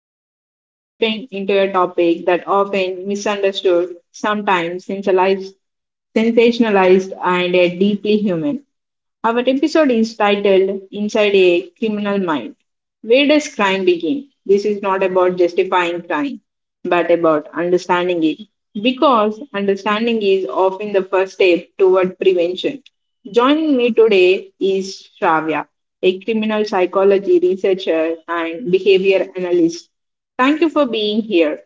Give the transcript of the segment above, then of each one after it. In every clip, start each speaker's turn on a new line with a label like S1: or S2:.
S1: Today, we are stepping into a topic that often misunderstood, sometimes sensationalized, sensationalized and deeply human. Our episode is titled Inside a Criminal Mind. Where does crime begin? This is not about justifying crime, but about understanding it. Because understanding is often the first step toward prevention. Joining me today is Shravya, a criminal psychology researcher and behavior analyst. Thank you for being here.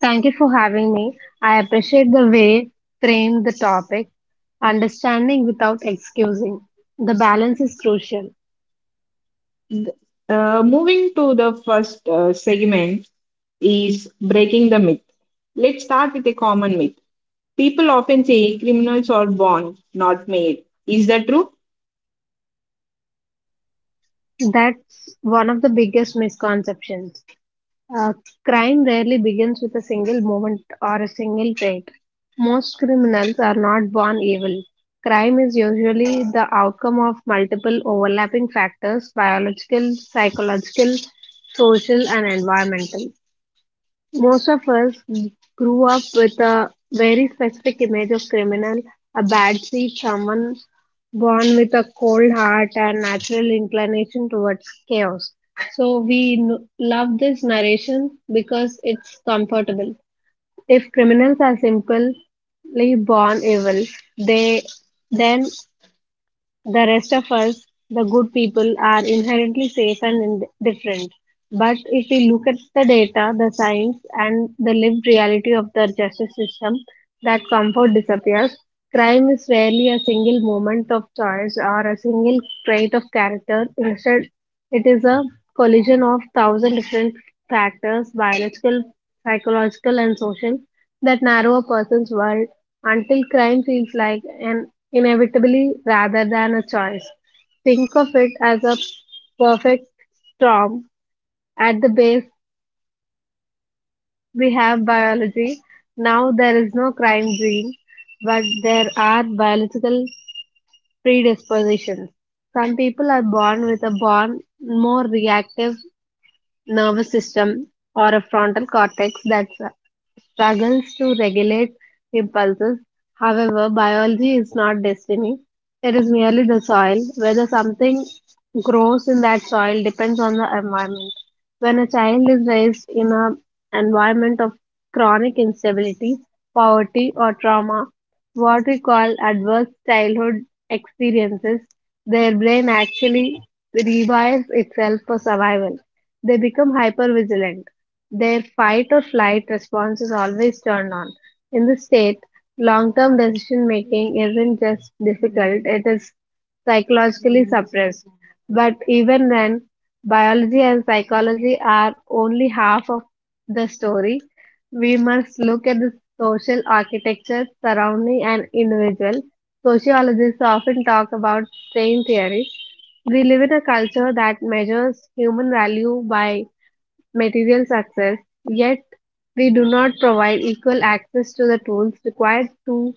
S2: Thank you for having me. I appreciate the way frame the topic. Understanding without excusing. The balance is crucial.
S1: Moving to the first segment is breaking the myth. Let's start with a common myth. People often say criminals are born, not made. Is that true?
S2: That's one of the biggest misconceptions. Uh, Crime rarely begins with a single moment or a single trait. Most criminals are not born evil. Crime is usually the outcome of multiple overlapping factors biological, psychological, social, and environmental. Most of us grew up with a very specific image of criminal, a bad seed, someone born with a cold heart and natural inclination towards chaos. So love this narration because it's comfortable. If criminals are simply born evil, they then the rest of us, the good people, are inherently safe and indifferent. But if we look at the data, the science, and the lived reality of the justice system, that comfort disappears. Crime is rarely a single moment of choice or a single trait of character. Instead, it is a collision of thousand different factors biological, psychological, and social that narrow a person's world until crime feels like an inevitability rather than a choice. Think of it as a perfect storm. At the base, we have biology. Now there is no crime gene, but there are biological predispositions. Some people are born with a born more reactive nervous system or a frontal cortex that struggles to regulate impulses. However, biology is not destiny. It is merely the soil. Whether something grows in that soil depends on the environment. When a child is raised in an environment of chronic instability, poverty, or trauma, what we call adverse childhood experiences, their brain actually rewires itself for survival. They become hypervigilant. Their fight or flight response is always turned on. In this state, long term decision making isn't just difficult, it is psychologically suppressed. But even then, biology and psychology are only half of the story. We must look at the social architecture surrounding an individual. Sociologists often talk about strain theory. We live in a culture that measures human value by material success, yet we do not provide equal access to the tools required to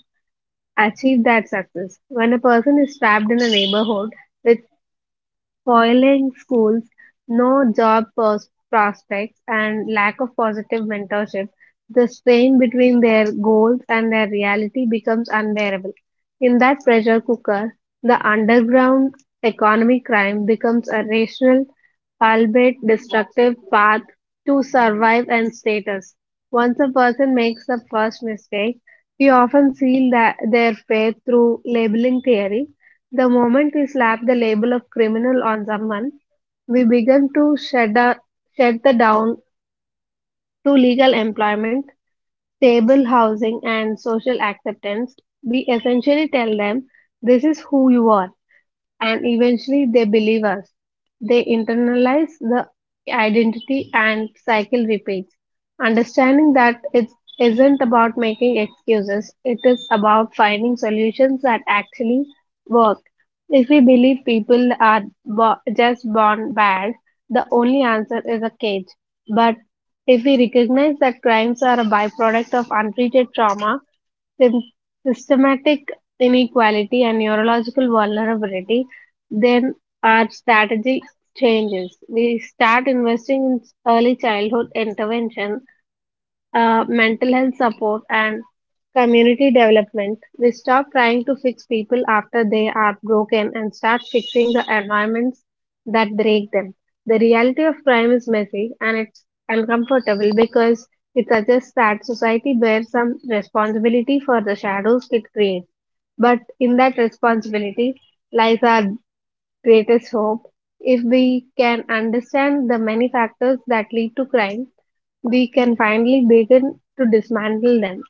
S2: achieve that success. When a person is trapped in a neighborhood with spoiling schools, no prospects, and lack of positive mentorship, the strain between their goals and their reality becomes unbearable. In that pressure cooker, the underground economic crime becomes a rational, albeit destructive, path to survive and status. Once a person makes the first mistake, we often seal that their fate through labeling theory. The moment we slap the label of criminal on someone, we begin to shut the down to legal employment, stable housing, and social acceptance. We essentially tell them, this is who you are, and eventually they believe us. They internalize the identity and cycle repeats. Understanding that it isn't about making excuses, it is about finding solutions that actually work. If we believe people are just born bad, the only answer is a cage. But if we recognize that crimes are a byproduct of untreated trauma, sym- systematic inequality and neurological vulnerability, then our strategy changes. We start investing in early childhood intervention, mental health support, and community development. We stop trying to fix people after they are broken and start fixing the environments that break them. The reality of crime is messy and it's uncomfortable because it suggests that society bears some responsibility for the shadows it creates. But in that responsibility lies our greatest hope. If we can understand the many factors that lead to crime, we can finally begin to dismantle them.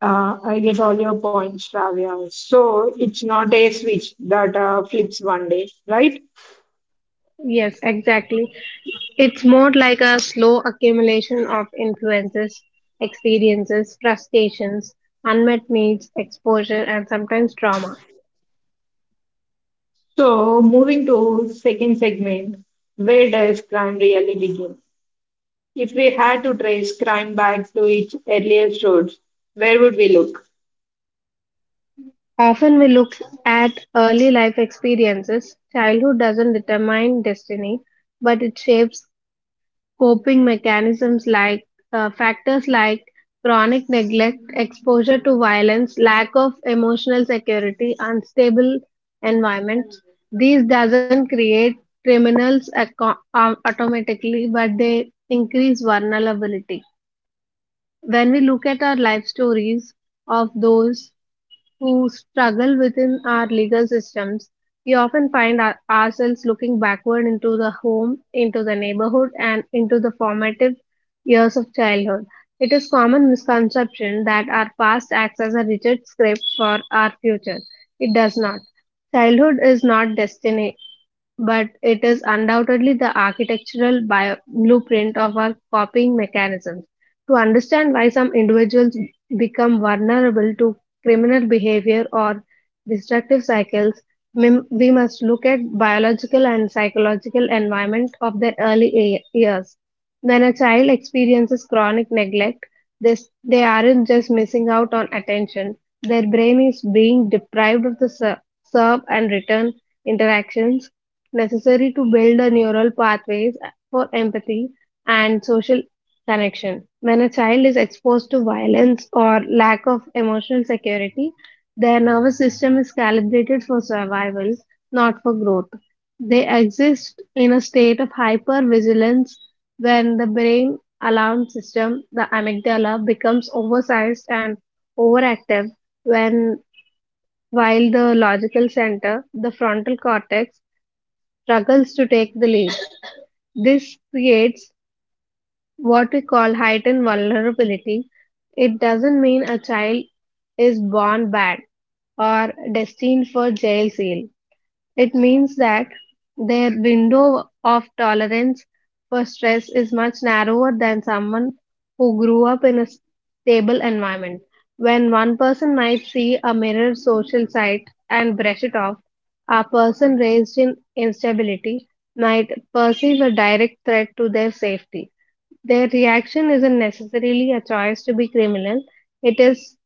S1: I get all your points, Shravya. So it's not a switch that flips one day, right?
S2: Yes, exactly. It's more like a slow accumulation of influences, experiences, frustrations, unmet needs, exposure, and sometimes trauma.
S1: So moving to second segment, where does crime really begin? If we had to trace crime back to its earliest roots, where would we look?
S2: Often we look at early life experiences. Childhood doesn't determine destiny, but it shapes coping mechanisms like, factors like chronic neglect, exposure to violence, lack of emotional security, unstable environments. These doesn't create criminals automatically, but they increase vulnerability. When we look at our life stories of those who struggle within our legal systems. We often find ourselves looking backward into the home, into the neighborhood, and into the formative years of childhood. It is common misconception that our past acts as a rigid script for our future. It does not. Childhood is not destiny but it is undoubtedly the architectural blueprint of our copying mechanisms. To understand why some individuals become vulnerable to criminal behavior or destructive cycles, we must look at biological and psychological environment of their years. When a child experiences chronic neglect, they, they aren't just missing out on attention. Their brain is being deprived of the serve and return interactions necessary to build the neural pathways for empathy and social connection. When a child is exposed to violence or lack of emotional security, their nervous system is calibrated for survival, not for growth. They exist in a state of hypervigilance when the brain alarm system, the amygdala, becomes oversized and overactive when while the logical center, the frontal cortex, struggles to take the lead. This creates what we call heightened vulnerability. It doesn't mean a child is born bad or destined for jail cell. It means that their window of tolerance for stress is much narrower than someone who grew up in a stable environment. When one person might see a mirror social site and brush it off, a person raised in instability might perceive a direct threat to their safety. Their reaction isn't necessarily a choice to be criminal, it is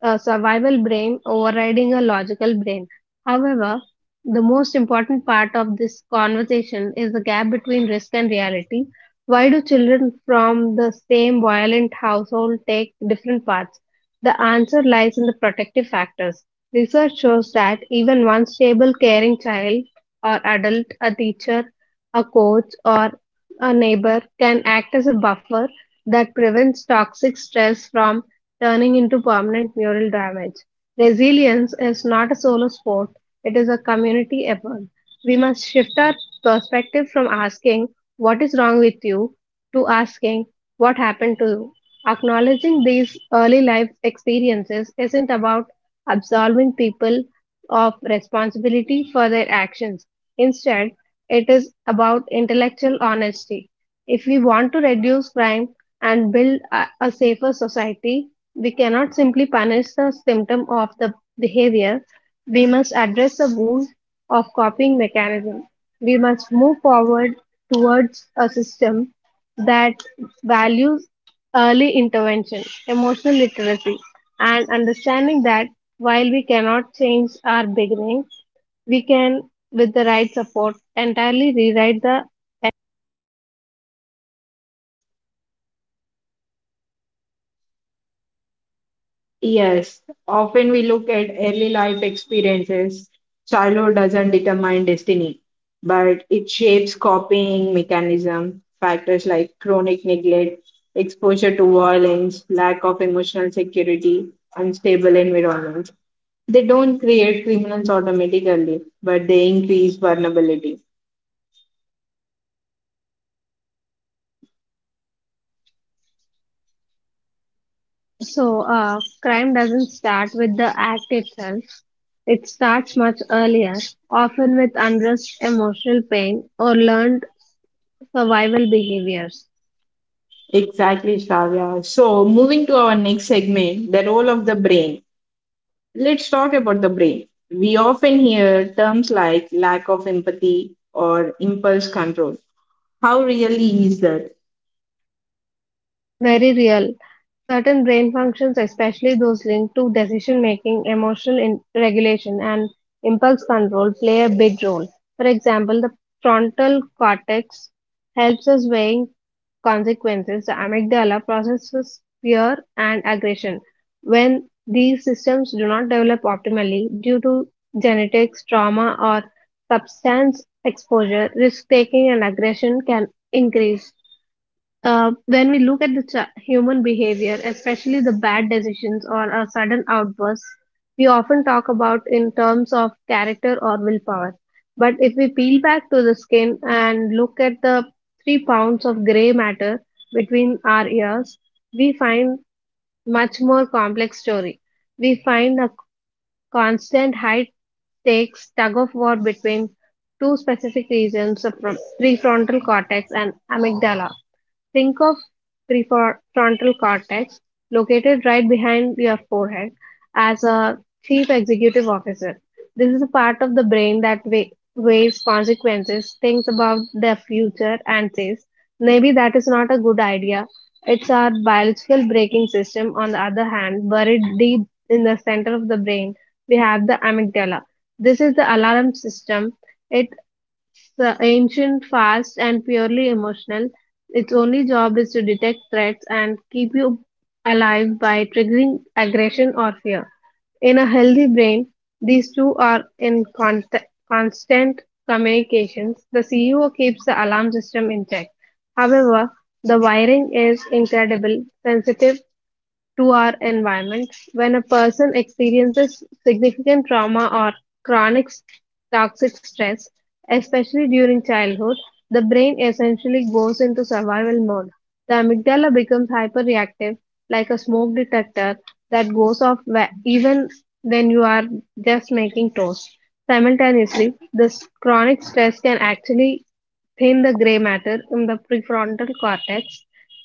S2: a survival brain overriding a logical brain. However, the most important part of this conversation is the gap between risk and reality. Why do children from the same violent household take different paths? The answer lies in the protective factors. Research shows that even one stable, caring child or adult, a teacher, a coach, or a neighbor can act as a buffer that prevents toxic stress from turning into permanent mural damage. Resilience is not a solo sport, it is a community effort. We must shift our perspective from asking, what is wrong with you? To asking, what happened to you? Acknowledging these early life experiences isn't about absolving people of responsibility for their actions. Instead, it is about intellectual honesty. If we want to reduce crime and build a safer society, we cannot simply punish the symptom of the behavior. We must address the wound of coping mechanism. We must move forward towards a system that values early intervention, emotional literacy, and understanding that while we cannot change our beginning, we can with the right support entirely rewrite the.
S1: Yes, often we look at early life experiences. Childhood doesn't determine destiny, but it shapes copying mechanism. Factors like chronic neglect, exposure to violence, lack of emotional security, unstable environments. They don't create criminals automatically, but they increase vulnerability.
S2: So crime doesn't start with the act itself, it starts much earlier, often with unrest emotional pain or learned survival behaviors.
S1: Exactly, Shravya. So, moving to our next segment, the role of the brain. Let's talk about the brain. We often hear terms like lack of empathy or impulse control. How really is that?
S2: Very real. Certain brain functions, especially those linked to decision making, emotional regulation, and impulse control, play a big role. For example, the frontal cortex helps us weighing consequences, the amygdala processes fear and aggression. When these systems do not develop optimally due to genetics, trauma, or substance exposure, risk taking and aggression can increase. When we look at the human behavior, especially the bad decisions or a sudden outburst, we often talk about in terms of character or willpower. But if we peel back to the skin and look at the 3 pounds of gray matter between our ears, we find much more complex story. We find a constant high-stakes tug-of-war between two specific regions of prefrontal cortex and amygdala. Think of prefrontal cortex, located right behind your forehead, as a chief executive officer. This is a part of the brain that weighs consequences, thinks about the future, and says, maybe that is not a good idea. It's our biological braking system, on the other hand, buried deep in the center of the brain we have the amygdala. This is the alarm system. It's ancient, fast, and purely emotional. Its only job is to detect threats and keep you alive by triggering aggression or fear. In a healthy brain, these two are in constant communications. The CEO keeps the alarm system in check. However, the wiring is incredible sensitive to our environment. When a person experiences significant trauma or chronic s- toxic stress, especially during childhood, the brain essentially goes into survival mode. The amygdala becomes hyperreactive, like a smoke detector that goes off even when you are just making toast. Simultaneously, this chronic stress can actually thin the gray matter in the prefrontal cortex,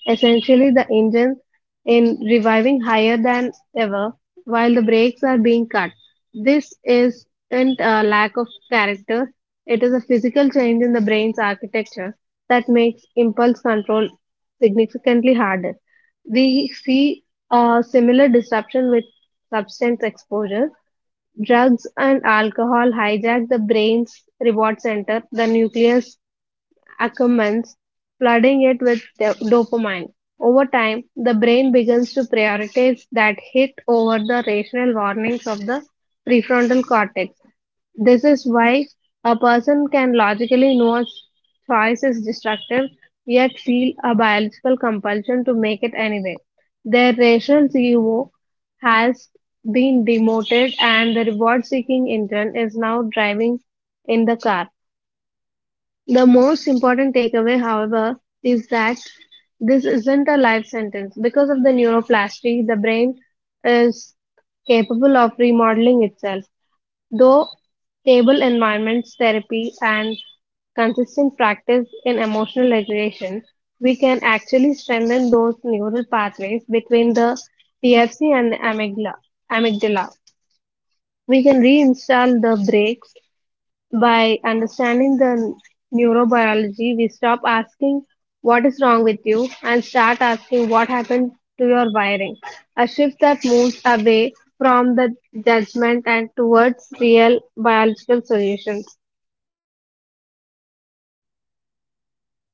S2: essentially the engine in reviving higher than ever while the brakes are being cut. This isn't a lack of character, it is a physical change in the brain's architecture that makes impulse control significantly harder. We see a similar disruption with substance exposure drugs and alcohol hijack the brain's reward center, the nucleus Ackermans, flooding it with dopamine. Over time, the brain begins to prioritize that hit over the rational warnings of the prefrontal cortex. This is why a person can logically know a choice is destructive, yet feel a biological compulsion to make it anyway. Their rational ego has been demoted, and the reward seeking intern is now driving in the car. The most important takeaway, however, is that this isn't a life sentence. Because of the neuroplasticity, the brain is capable of remodeling itself. Though stable environments, therapy, and consistent practice in emotional regulation, we can actually strengthen those neural pathways between the TFC and the amygdala. We can reinstall the brakes by understanding the neurobiology, we stop asking what is wrong with you and start asking what happened to your wiring. A shift that moves away from the judgment and towards real biological solutions.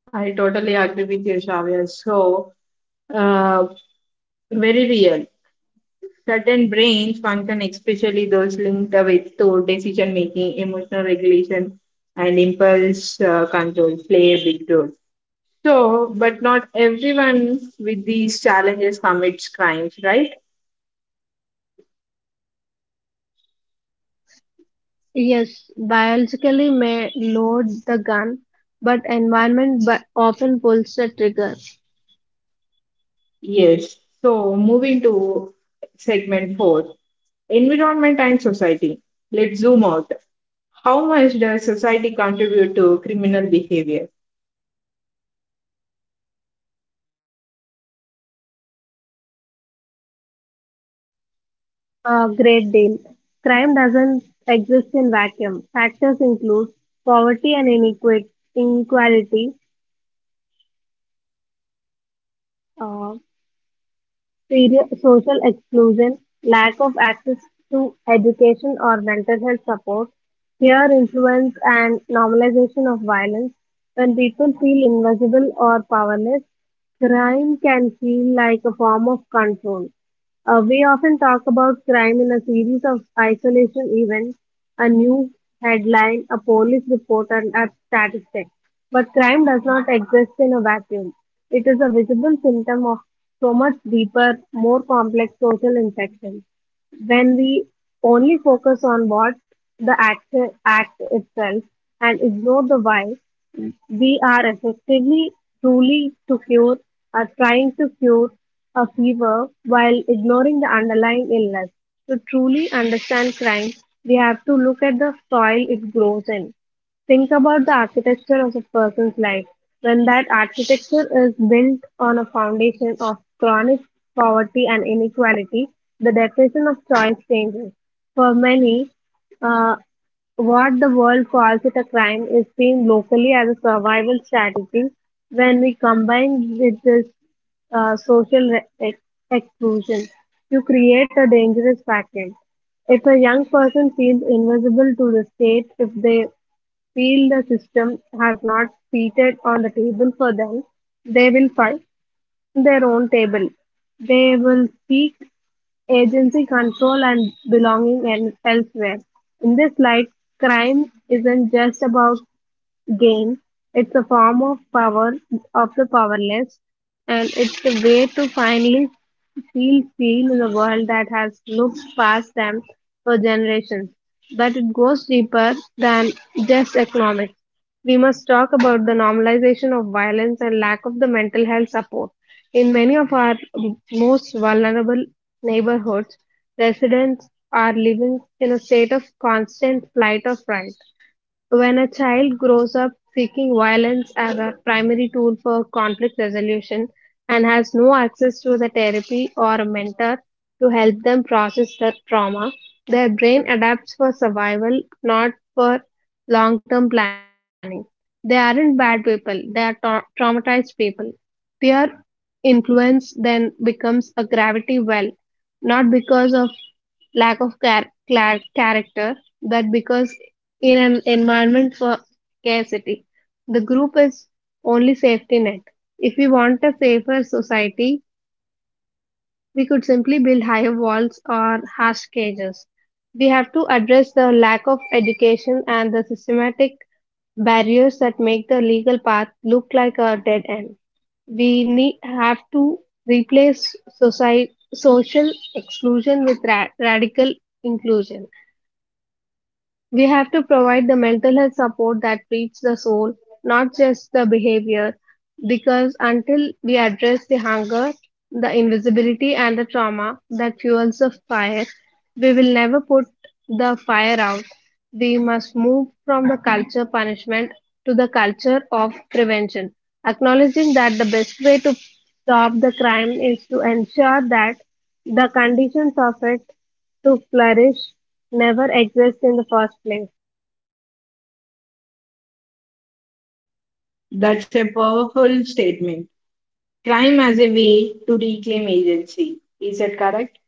S1: I totally agree with you, Shravya. So, uh, very real. Certain brains function, especially those linked with to decision making, emotional regulation, and impulse control, play a big role. Sure, but not everyone with these challenges commits crimes, right?
S2: Yes, biologically may load the gun, but environment often pulls the trigger.
S1: Yes. So, moving to segment four, environment and society. Let's zoom out. How much does society contribute to criminal behavior?
S2: A great deal. Crime doesn't exist in vacuum. Factors include poverty and inequality, uh, social exclusion, lack of access to education or mental health support, peer influence, and normalization of violence. When people feel invisible or powerless, crime can feel like a form of control. We often talk about crime in a series of isolation events, a news headline, a police report, and a statistic. But crime does not exist in a vacuum. It is a visible symptom of so much deeper, more complex social infection. When we only focus on what the act, act itself and ignore the why, we are effectively truly to cure or trying to cure a fever while ignoring the underlying illness. To truly understand crime, we have to look at the soil it grows in. Think about the architecture of a person's life. When that architecture is built on a foundation of chronic poverty and inequality, the definition of choice changes. For many, uh, what the world calls it a crime is seen locally as a survival strategy when we combine with this social exclusion. You create a dangerous vacuum. If a young person feels invisible to the state, if they feel the system has not seated on the table for them, they will fight their own table. They will seek agency control and belonging and elsewhere. In this light, crime isn't just about Game. It's a form of power of the powerless, and it's a way to finally feel seen in a world that has looked past them for generations. But it goes deeper than just economics. We must talk about the normalization of violence and lack of the mental health support. In many of our most vulnerable neighborhoods, residents are living in a state of constant flight or fright. When a child grows up seeking violence as a primary tool for conflict resolution and has no access to the therapy or a mentor to help them process their trauma, their brain adapts for survival, not for long term planning. They aren't bad people, they are traumatized people. Peer influence then becomes a gravity well, not because of lack of character that because in an environment for scarcity the group is only safety net if we want a safer society we could simply build higher walls or harsh cages. We have to address the lack of education and the systematic barriers that make the legal path look like a dead end. We need have to replace society, social exclusion with radical inclusion. We have to provide the mental health support that treats the soul, not just the behavior, because until we address the hunger, the invisibility, and the trauma that fuels the fire, we will never put the fire out. We must move from the culture punishment to the culture of prevention, acknowledging that the best way to stop the crime is to ensure that the conditions of it to flourish never exist in the first place.
S1: That's a powerful statement. Crime as a way to reclaim agency. Is that correct?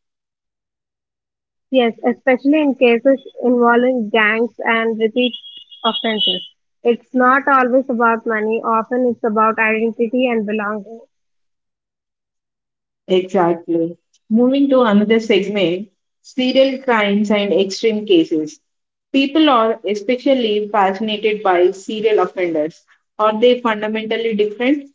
S2: Yes, especially in cases involving gangs and repeat offenses. It's not always about money, often it's about identity and belonging.
S1: Exactly. Moving to another segment, serial crimes and extreme cases. People are especially fascinated by serial offenders. Are they fundamentally different?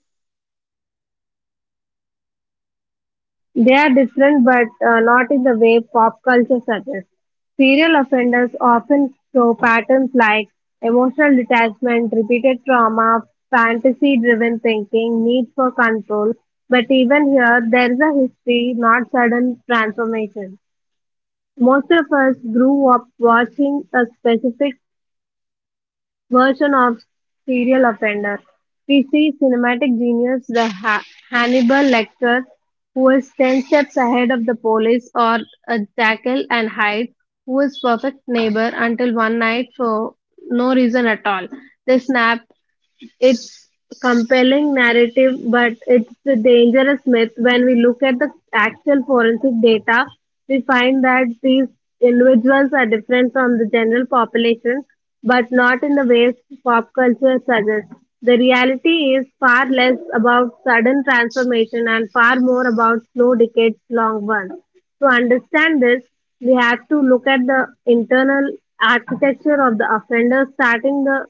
S2: They are different but not in the way pop culture suggests. Serial offenders often show patterns like emotional detachment, repeated trauma, fantasy driven thinking, need for control. But even here, there is a history, not sudden transformation. Most of us grew up watching a specific version of serial offender, we see cinematic genius Hannibal Lecter who is 10 steps ahead of the police or a Jackal and Hyde who is perfect neighbor until one night for no reason at all. They snap it's compelling narrative, but it's a dangerous myth. When we look at the actual forensic data, we find that these individuals are different from the general population, but not in the ways pop culture suggests. The reality is far less about sudden transformation and far more about slow decades long ones. To understand this, we have to look at the internal architecture of the offender, starting the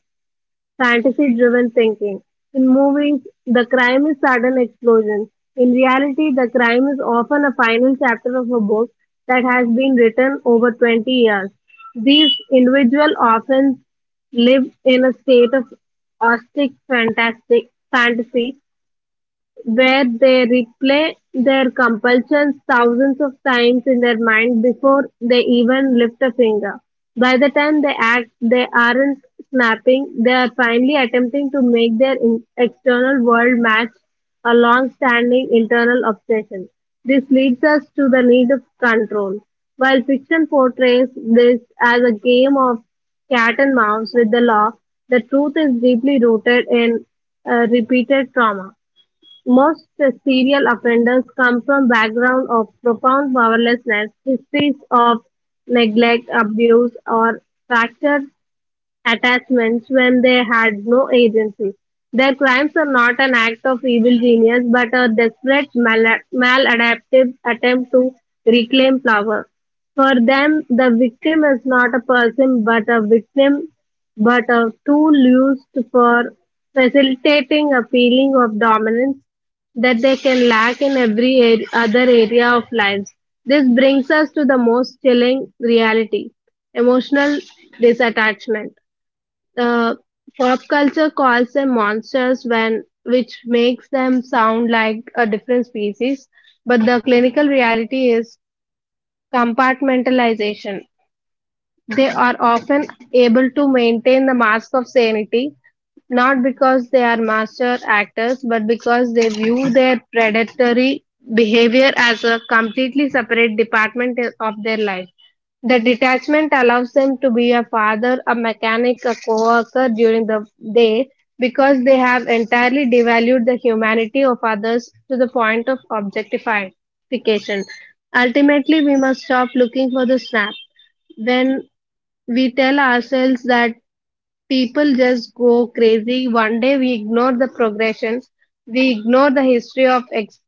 S2: fantasy driven thinking. In movies, the crime is sudden explosion. In reality, the crime is often a final chapter of a book that has been written over 20 years. These individual often live in a state of austere fantastic fantasy where they replay their compulsions thousands of times in their mind before they even lift a finger. By the time they act, they aren't snapping, they are finally attempting to make their external world match a long standing internal obsession. This leads us to the need of control. While fiction portrays this as a game of cat and mouse with the law, the truth is deeply rooted in repeated trauma. Most serial offenders come from backgrounds of profound powerlessness, histories of neglect, abuse, or fractured attachments when they had no agency. Their crimes are not an act of evil genius but a desperate maladaptive attempt to reclaim power. For them, the victim is not a person but a tool used for facilitating a feeling of dominance that they can lack in every other area of lives. This brings us to the most chilling reality emotional disattachment. Uh, Pop culture calls them monsters when which makes them sound like a different species, but the clinical reality is compartmentalization. They are often able to maintain the mask of sanity, not because they are master actors, but because they view their predatory behavior as a completely separate department of their life. The detachment allows them to be a father, a mechanic, a co-worker during the day because they have entirely devalued the humanity of others to the point of objectification. Ultimately, we must stop looking for the snap. When we tell ourselves that people just go crazy one day. We ignore the progression. We ignore the history of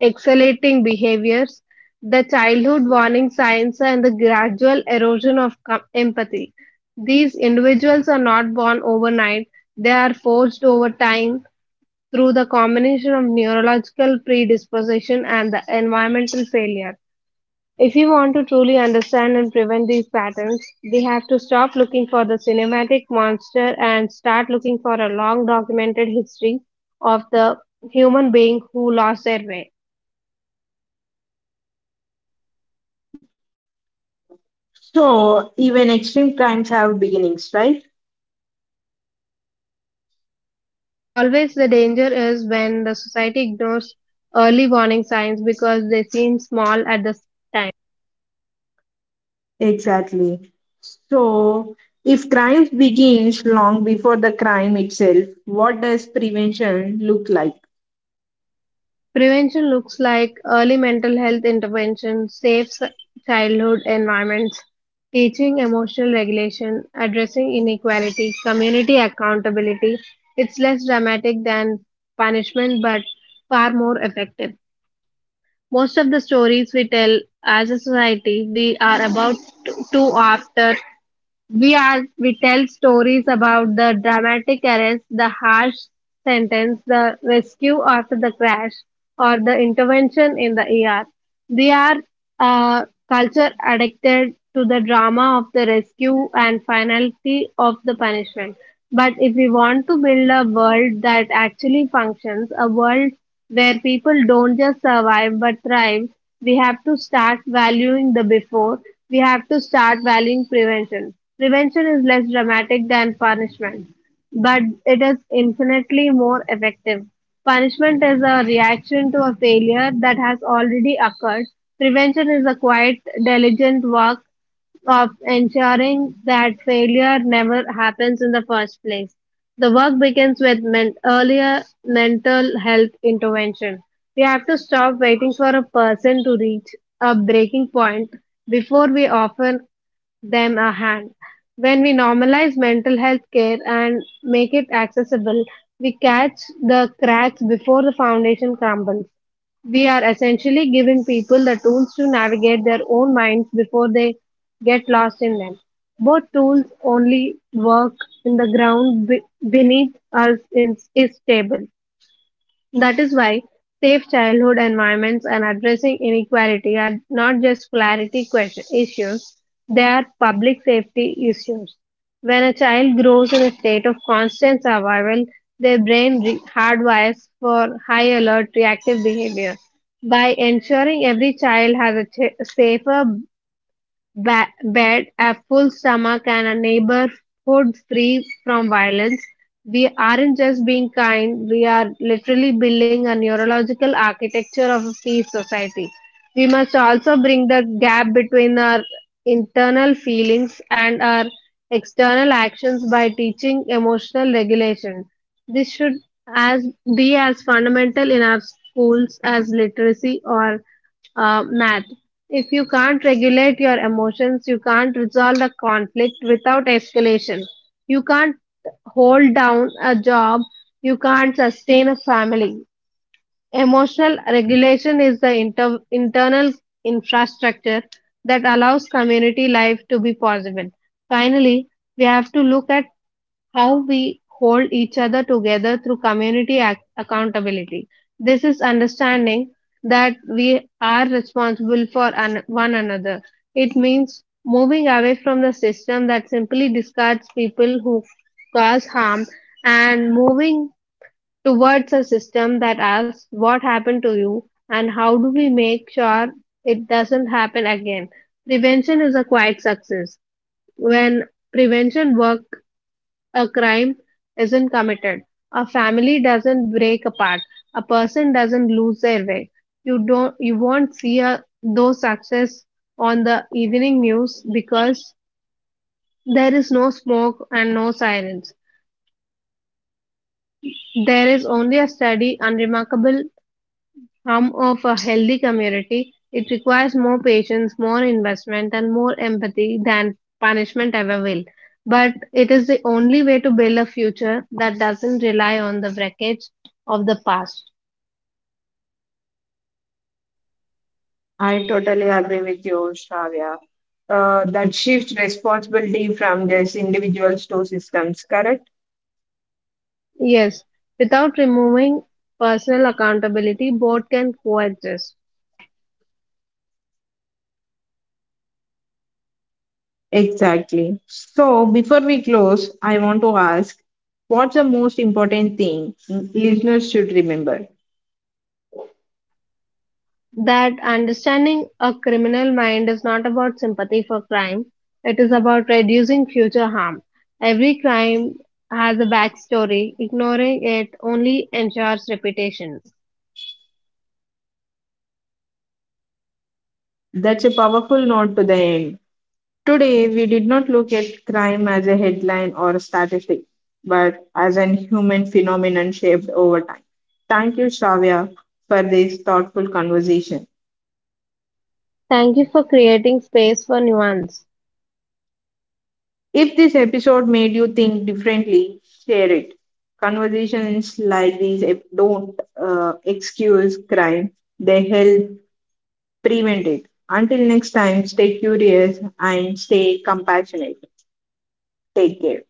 S2: accelerating behaviors, the childhood warning signs, and the gradual erosion of empathy. These individuals are not born overnight. They are forged over time through the combination of neurological predisposition and the environmental failure. If we want to truly understand and prevent these patterns, we have to stop looking for the cinematic monster and start looking for a long documented history of the human being who lost their way.
S1: So, even extreme crimes have beginnings, right?
S2: Always the danger is when the society ignores early warning signs because they seem small at the time.
S1: Exactly. So, if crime begins long before the crime itself, what does prevention look like?
S2: Prevention looks like early mental health intervention, childhood environments, teaching emotional regulation, addressing inequality, community accountability. It's less dramatic than punishment but far more effective. Most of the stories we tell as a society, we are about t- to after we are we tell stories about the dramatic arrest, the harsh sentence, the rescue after the crash, or the intervention in the ER. They are uh, culture addicted to the drama of the rescue and finality of the punishment. But if we want to build a world that actually functions, a world where people don't just survive but thrive, we have to start valuing the before. We have to start valuing prevention. Prevention is less dramatic than punishment, but it is infinitely more effective. Punishment is a reaction to a failure that has already occurred. Prevention is a quiet, diligent work of ensuring that failure never happens in the first place. The work begins with earlier mental health intervention. We have to stop waiting for a person to reach a breaking point before we offer them a hand. When we normalize mental health care and make it accessible, we catch the cracks before the foundation crumbles. We are essentially giving people the tools to navigate their own minds before they get lost in them. Both tools only work in the ground beneath us is stable. That is why safe childhood environments and addressing inequality are not just clarity question issues, they are public safety issues. When a child grows in a state of constant survival, their brain hardwires for high alert reactive behavior. By ensuring every child has a safer bed, a full stomach, and a neighborhood free from violence. We aren't just being kind, we are literally building a neurological architecture of a peace society. We must also bring the gap between our internal feelings and our external actions by teaching emotional regulation. This should as be as fundamental in our schools as literacy or math. If you can't regulate your emotions, you can't resolve a conflict without escalation. You can't hold down a job, you can't sustain a family. Emotional regulation is the internal infrastructure that allows community life to be possible. Finally, we have to look at how we hold each other together through community accountability. This is understanding that we are responsible for one another. It means moving away from the system that simply discards people who cause harm and moving towards a system that asks what happened to you and how do we make sure it doesn't happen again. Prevention is a quiet success. When prevention work a crime isn't committed, a family doesn't break apart, a person doesn't lose their way. You won't see a, those success on the evening news because there is no smoke and no sirens. There is only a steady, unremarkable hum of a healthy community, it requires more patience, more investment, and more empathy than punishment ever will. But it is the only way to build a future that doesn't rely on the wreckage of the past.
S1: I totally agree with you, Shravya. That shifts responsibility from just individuals to systems, correct?
S2: Yes, without removing personal accountability, both can coexist.
S1: Exactly. So, before we close, I want to ask what's the most important thing listeners should remember?
S2: That understanding a criminal mind is not about sympathy for crime, it is about reducing future harm. Every crime has a backstory, ignoring it only ensures repetition.
S1: That's a powerful note to the end. Today, we did not look at crime as a headline or a statistic, but as an human phenomenon shaped over time. Thank you, Shravya, for this thoughtful conversation.
S2: Thank you for creating space for nuance.
S1: If this episode made you think differently, share it. Conversations like these don't excuse crime, they help prevent it. Until next time, stay curious and stay compassionate. Take care.